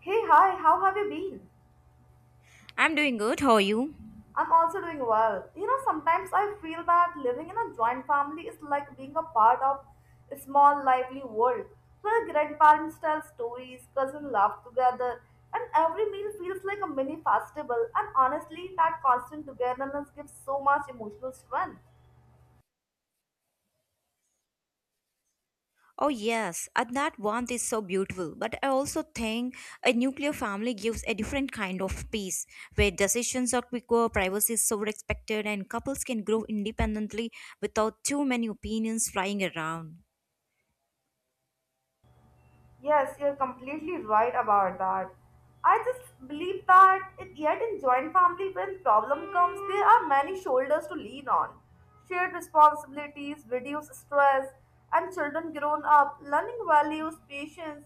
Hey, hi, how have you been? I'm doing good. How are you? I'm also doing well. You know, sometimes I feel that living in a joint family is like being a part of a small, lively world where grandparents tell stories, cousins laugh together, and every meal feels like a mini festival. And honestly, that constant togetherness gives so much emotional strength. Oh, yes, and that one is so beautiful. But I also think a nuclear family gives a different kind of peace where decisions are quicker, privacy is so respected, and couples can grow independently without too many opinions flying around. Yes, you're completely right about that. I just believe that it, yet in joint family, when problem comes, there are many shoulders to lean on. Shared responsibilities, reduce stress, and children grown up, learning values, patience,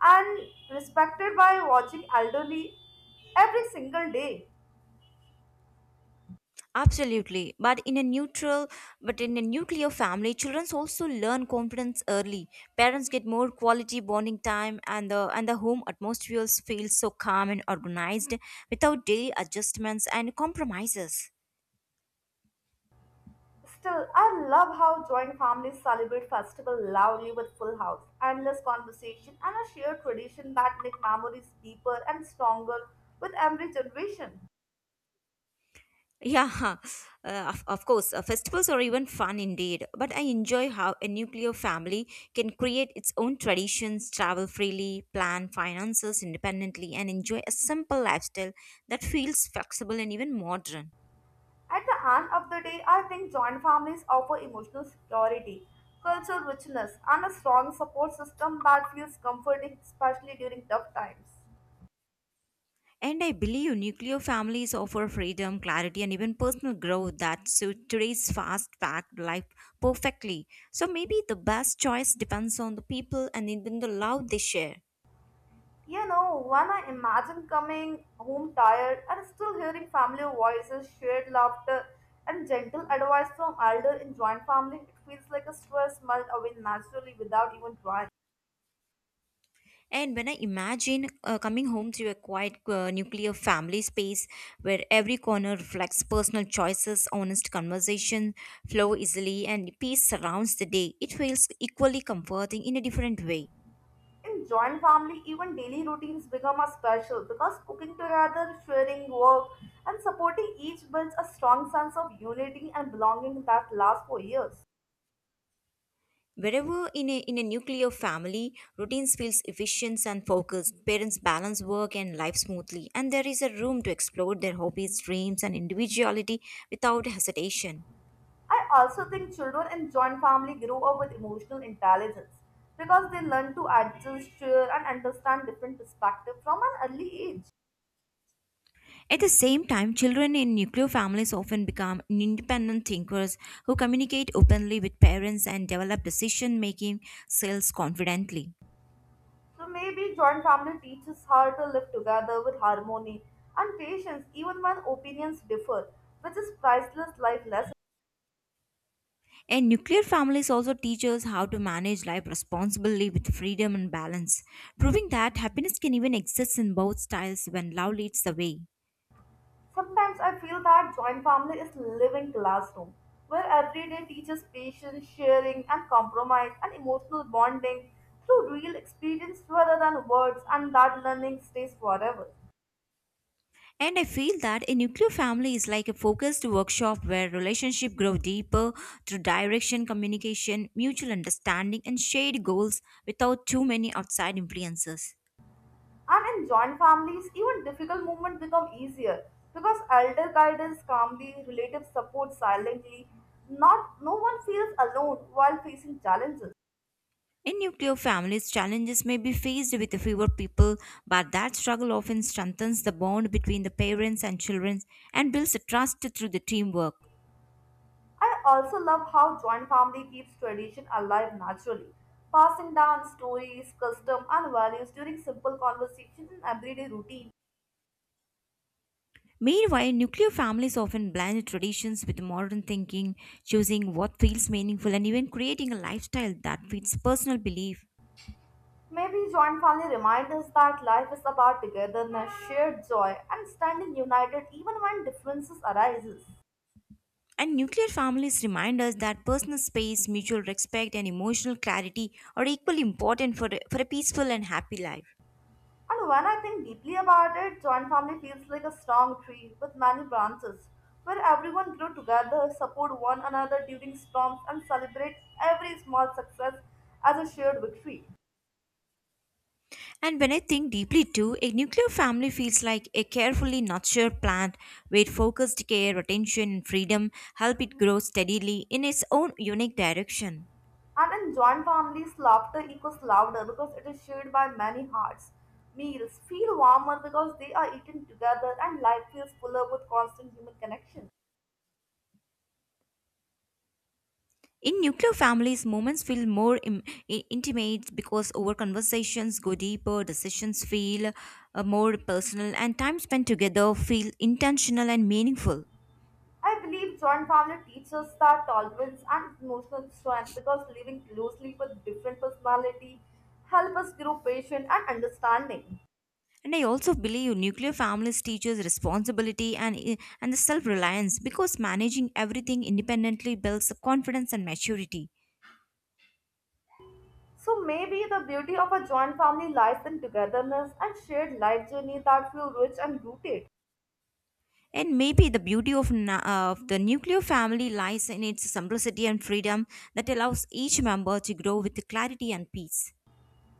and respected by watching elderly every single day. Absolutely, but in a nuclear family, children also learn confidence early. Parents get more quality bonding time, and the home atmosphere feels so calm and organized without daily adjustments and compromises. Still, I love how joint families celebrate festival loudly with full house, endless conversation, and a shared tradition that make memories deeper and stronger with every generation. Yeah, of course, festivals are even fun indeed. But I enjoy how a nuclear family can create its own traditions, travel freely, plan finances independently, and enjoy a simple lifestyle that feels flexible and even modern. At the end of the day, I think joint families offer emotional security, cultural richness, and a strong support system that feels comforting, especially during tough times. And I believe nuclear families offer freedom, clarity, and even personal growth that suit today's fast packed life perfectly. So maybe the best choice depends on the people and even the love they share. You know, when I imagine coming home tired and still hearing family voices, shared laughter, and gentle advice from elder in joint family, it feels like a stress melt away naturally without even trying. And when I imagine coming home to a quiet nuclear family space where every corner reflects personal choices, honest conversation flow easily, and peace surrounds the day, it feels equally comforting in a different way. In joint family, even daily routines become a special because cooking together, sharing work, and supporting each builds a strong sense of unity and belonging that lasts for years. Wherever in a nuclear family, routines feels efficient and focused. Parents balance work and life smoothly, and there is a room to explore their hobbies, dreams, and individuality without hesitation. I also think children in joint family grow up with emotional intelligence because they learn to adjust, share, and understand different perspectives from an early age. At the same time, children in nuclear families often become independent thinkers who communicate openly with parents and develop decision making skills confidently. So maybe joint family teaches how to live together with harmony and patience even when opinions differ, which is priceless life lesson. And nuclear families also teach us how to manage life responsibly with freedom and balance, proving that happiness can even exist in both styles when love leads the way. Sometimes I feel that joint family is living classroom where every day teaches patience, sharing and compromise and emotional bonding through real experience rather than words and that learning stays forever. And I feel that a nuclear family is like a focused workshop where relationships grow deeper through direction, communication, mutual understanding, and shared goals without too many outside influences. And in joint families, even difficult moments become easier because elder guidance calmly, relatives support silently. Not no one feels alone while facing challenges. In nuclear families, challenges may be faced with fewer people, but that struggle often strengthens the bond between the parents and children and builds trust through the teamwork. I also love how joint family keeps tradition alive naturally, passing down stories, custom, and values during simple conversation and everyday routine. Meanwhile, nuclear families often blend traditions with modern thinking, choosing what feels meaningful and even creating a lifestyle that fits personal belief. Maybe joint family reminds us that life is about togetherness, shared joy, and standing united even when differences arises. And nuclear families remind us that personal space, mutual respect, and emotional clarity are equally important for a peaceful and happy life. And when I think deeply about it, joint family feels like a strong tree with many branches, where everyone grow together, support one another during storms, and celebrate every small success as a shared victory. And when I think deeply too, a nuclear family feels like a carefully nurtured plant where focused care, attention, and freedom help it grow steadily in its own unique direction. And in joint families, laughter echoes louder because it is shared by many hearts. Meals feel warmer because they are eaten together, and life feels fuller with constant human connection. In nuclear families, moments feel intimate because our conversations go deeper, decisions feel more personal, and time spent together feel intentional and meaningful. I believe joint family teaches that tolerance and emotional strength because living closely with different personality help us grow patient and understanding. And I also believe nuclear families teaches responsibility and the self-reliance because managing everything independently builds confidence and maturity. So maybe the beauty of a joint family lies in togetherness and shared life journey that feel rich and rooted. And maybe the beauty of the nuclear family lies in its simplicity and freedom that allows each member to grow with clarity and peace.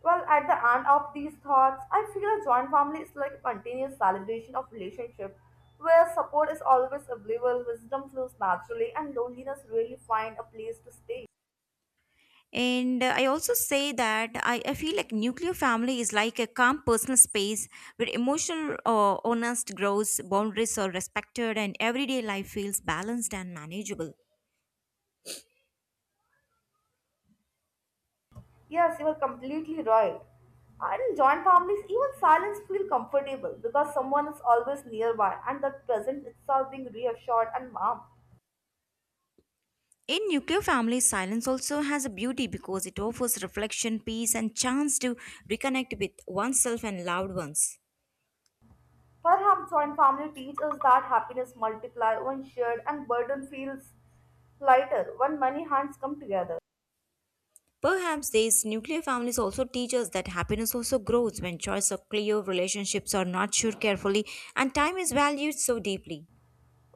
Well, at the end of these thoughts, I feel a joint family is like a continuous celebration of relationship where support is always available, wisdom flows naturally, and loneliness really find a place to stay. And I also say that I feel like nuclear family is like a calm personal space where emotional or honest grows, boundaries are respected, and everyday life feels balanced and manageable. Yes, you are completely right. And in joint families, even silence feels comfortable because someone is always nearby and the present itself being reassured and warm. In nuclear families, silence also has a beauty because it offers reflection, peace, and chance to reconnect with oneself and loved ones. Perhaps joint family teaches that happiness multiplies when shared and burden feels lighter when many hands come together. Perhaps these nuclear families also teach us that happiness also grows when choices are clear, relationships are nurtured carefully, and time is valued so deeply.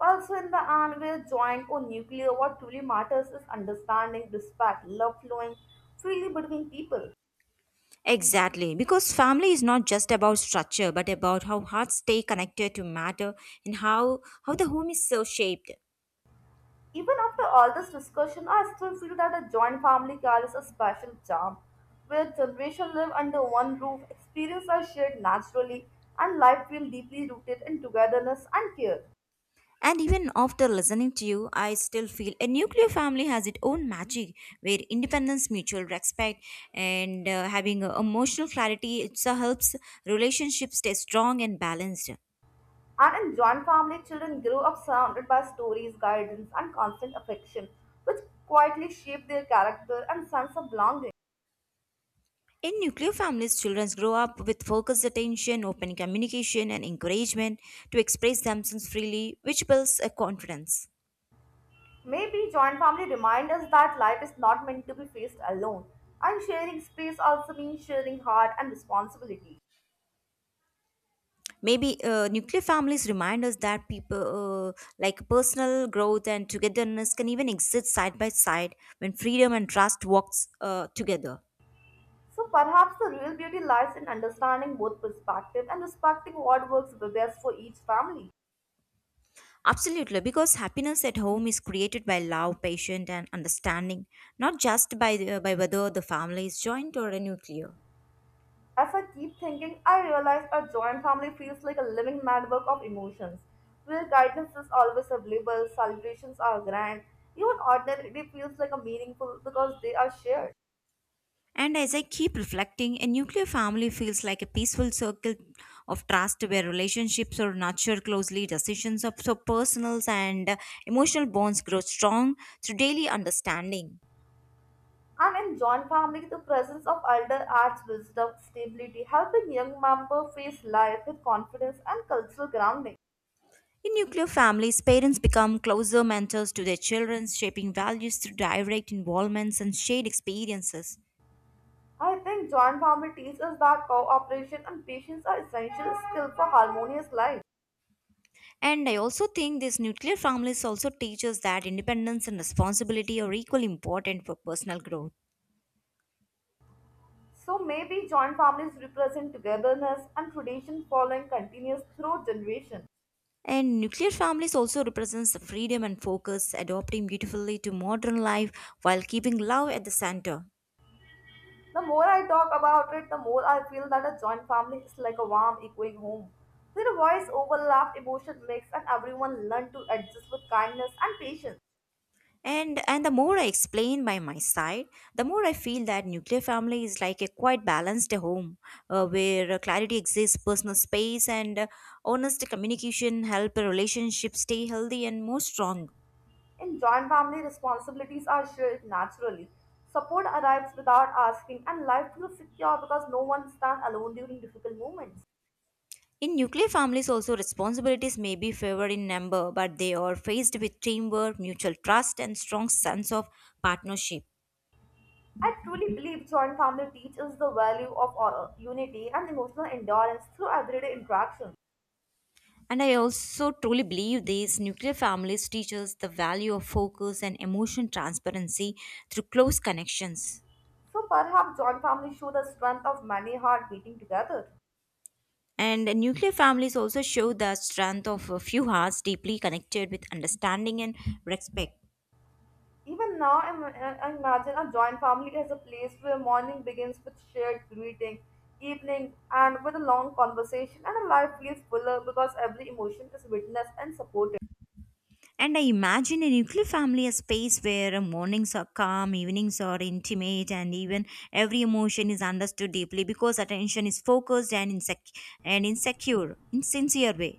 Also, in the end, where joint or nuclear, what truly matters is understanding, respect, love flowing freely between people. Exactly, because family is not just about structure but about how hearts stay connected to matter and how the home is so shaped. Even after all this discussion, I still feel that a joint family carries a special charm, where generations live under one roof, experiences are shared naturally, and life feels deeply rooted in togetherness and care. And even after listening to you, I still feel a nuclear family has its own magic where independence, mutual respect, and having a emotional clarity it so helps relationships stay strong and balanced. And in joint family, children grow up surrounded by stories, guidance, and constant affection, which quietly shape their character and sense of belonging. In nuclear families, children grow up with focused attention, open communication, and encouragement to express themselves freely, which builds a confidence. Maybe joint family remind us that life is not meant to be faced alone, and sharing space also means sharing heart and responsibility. Maybe nuclear families remind us that people like personal growth and togetherness can even exist side by side when freedom and trust walks together. So perhaps the real beauty lies in understanding both perspective and respecting what works the best for each family. Absolutely, because happiness at home is created by love, patience, and understanding, not just by by whether the family is joint or a nuclear. As I keep thinking, I realize a joint family feels like a living network of emotions, where guidance is always available, celebrations are grand, even ordinary day feels like a meaningful because they are shared. And as I keep reflecting, a nuclear family feels like a peaceful circle of trust where relationships are nurtured closely, decisions of so personal and emotional bonds grow strong through daily understanding. And in joint family, the presence of elder adds wisdom, stability, helping young member face life with confidence and cultural grounding. In nuclear families, parents become closer mentors to their children, shaping values through direct involvements and shared experiences. I think joint family teaches that cooperation and patience are essential skills for harmonious life. And I also think these nuclear families also teach us that independence and responsibility are equally important for personal growth. So maybe joint families represent togetherness and tradition following continuous through generation. And nuclear families also represents the freedom and focus, adapting beautifully to modern life while keeping love at the center. The more I talk about it, the more I feel that a joint family is like a warm echoing home. Their voice overlapped emotion mix and everyone learn to adjust with kindness and patience. And the more I explain by my side, the more I feel that nuclear family is like a quite balanced home, where clarity exists, personal space, and honest communication help a relationship stay healthy and more strong. In joint family, responsibilities are shared naturally. Support arrives without asking, and life feels secure because no one stands alone during difficult moments. In nuclear families, also responsibilities may be favored in number, but they are faced with teamwork, mutual trust, and strong sense of partnership. I truly believe joint family teaches the value of unity and emotional endurance through everyday interactions. And I also truly believe these nuclear families teach us the value of focus and emotion transparency through close connections. So perhaps joint family show the strength of many hearts beating together. And nuclear families also show the strength of a few hearts deeply connected with understanding and respect. Even now, I imagine a joint family as a place where morning begins with shared greeting, evening, and with a long conversation, and a life feels fuller because every emotion is witnessed and supported. And I imagine a nuclear family a space where mornings are calm, evenings are intimate, and even every emotion is understood deeply because attention is focused and insecure, in sincere way.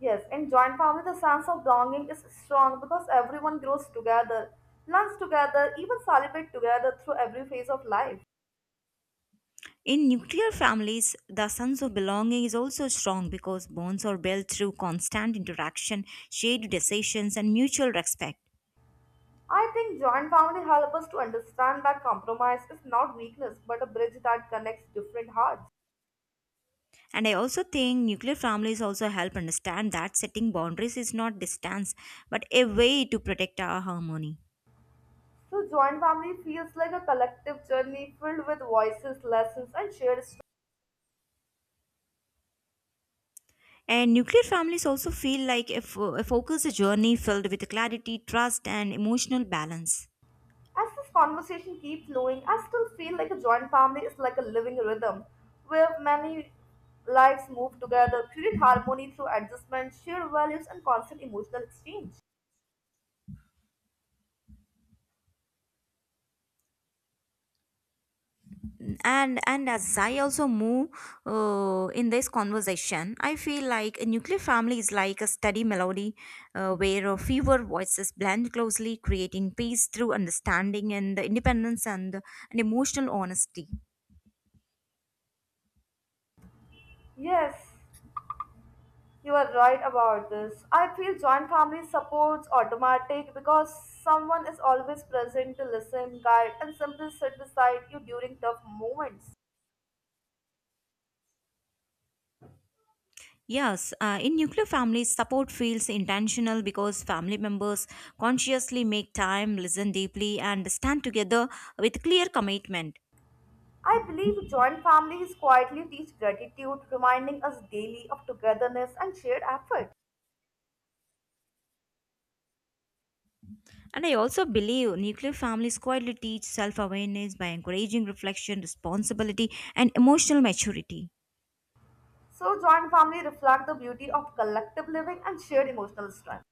Yes, in joint family, the sense of belonging is strong because everyone grows together, learns together, even celebrate together through every phase of life. In nuclear families, the sense of belonging is also strong because bonds are built through constant interaction, shared decisions, and mutual respect. I think joint family help us to understand that compromise is not weakness but a bridge that connects different hearts. And I also think nuclear families also help understand that setting boundaries is not distance but a way to protect our harmony. So, joint family feels like a collective journey filled with voices, lessons, and shared stories. And nuclear families also feel like a focused journey filled with clarity, trust, and emotional balance. As this conversation keeps flowing, I still feel like a joint family is like a living rhythm where many lives move together, create harmony through adjustment, shared values, and constant emotional exchange. And as I also move in this conversation I feel like a nuclear family is like a steady melody where fewer voices blend closely creating peace through understanding and the independence and emotional honesty. Yes, you are right about this. I feel joint family supports automatic because someone is always present to listen, guide, and simply sit beside you during tough moments. Yes, in nuclear families, support feels intentional because family members consciously make time, listen deeply, and stand together with clear commitment. I believe joint families quietly teach gratitude, reminding us daily of togetherness and shared effort. And I also believe nuclear families quietly teach self awareness by encouraging reflection, responsibility, and emotional maturity. So, joint family reflect the beauty of collective living and shared emotional strength.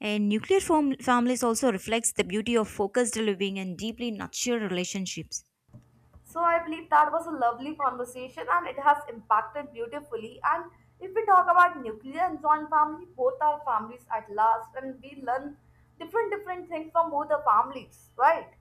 And families also reflects the beauty of focused living and deeply nurtured relationships. So, I believe that was a lovely conversation and it has impacted beautifully. And if we talk about nuclear and joint family, both are families at last, and we learn different things from both the families, right?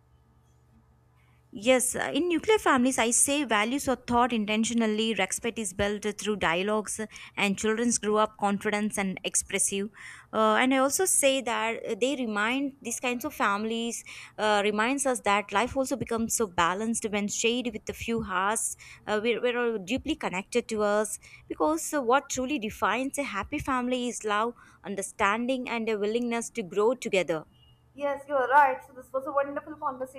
Yes, in nuclear families, I say values are taught intentionally, respect is built through dialogues, and children grow up confident and expressive. And I also say that they remind these kinds of families reminds us that life also becomes so balanced when shared with a few hearts. We're all deeply connected to us because what truly defines a happy family is love, understanding, and a willingness to grow together. Yes, you're right. So, this was a wonderful conversation.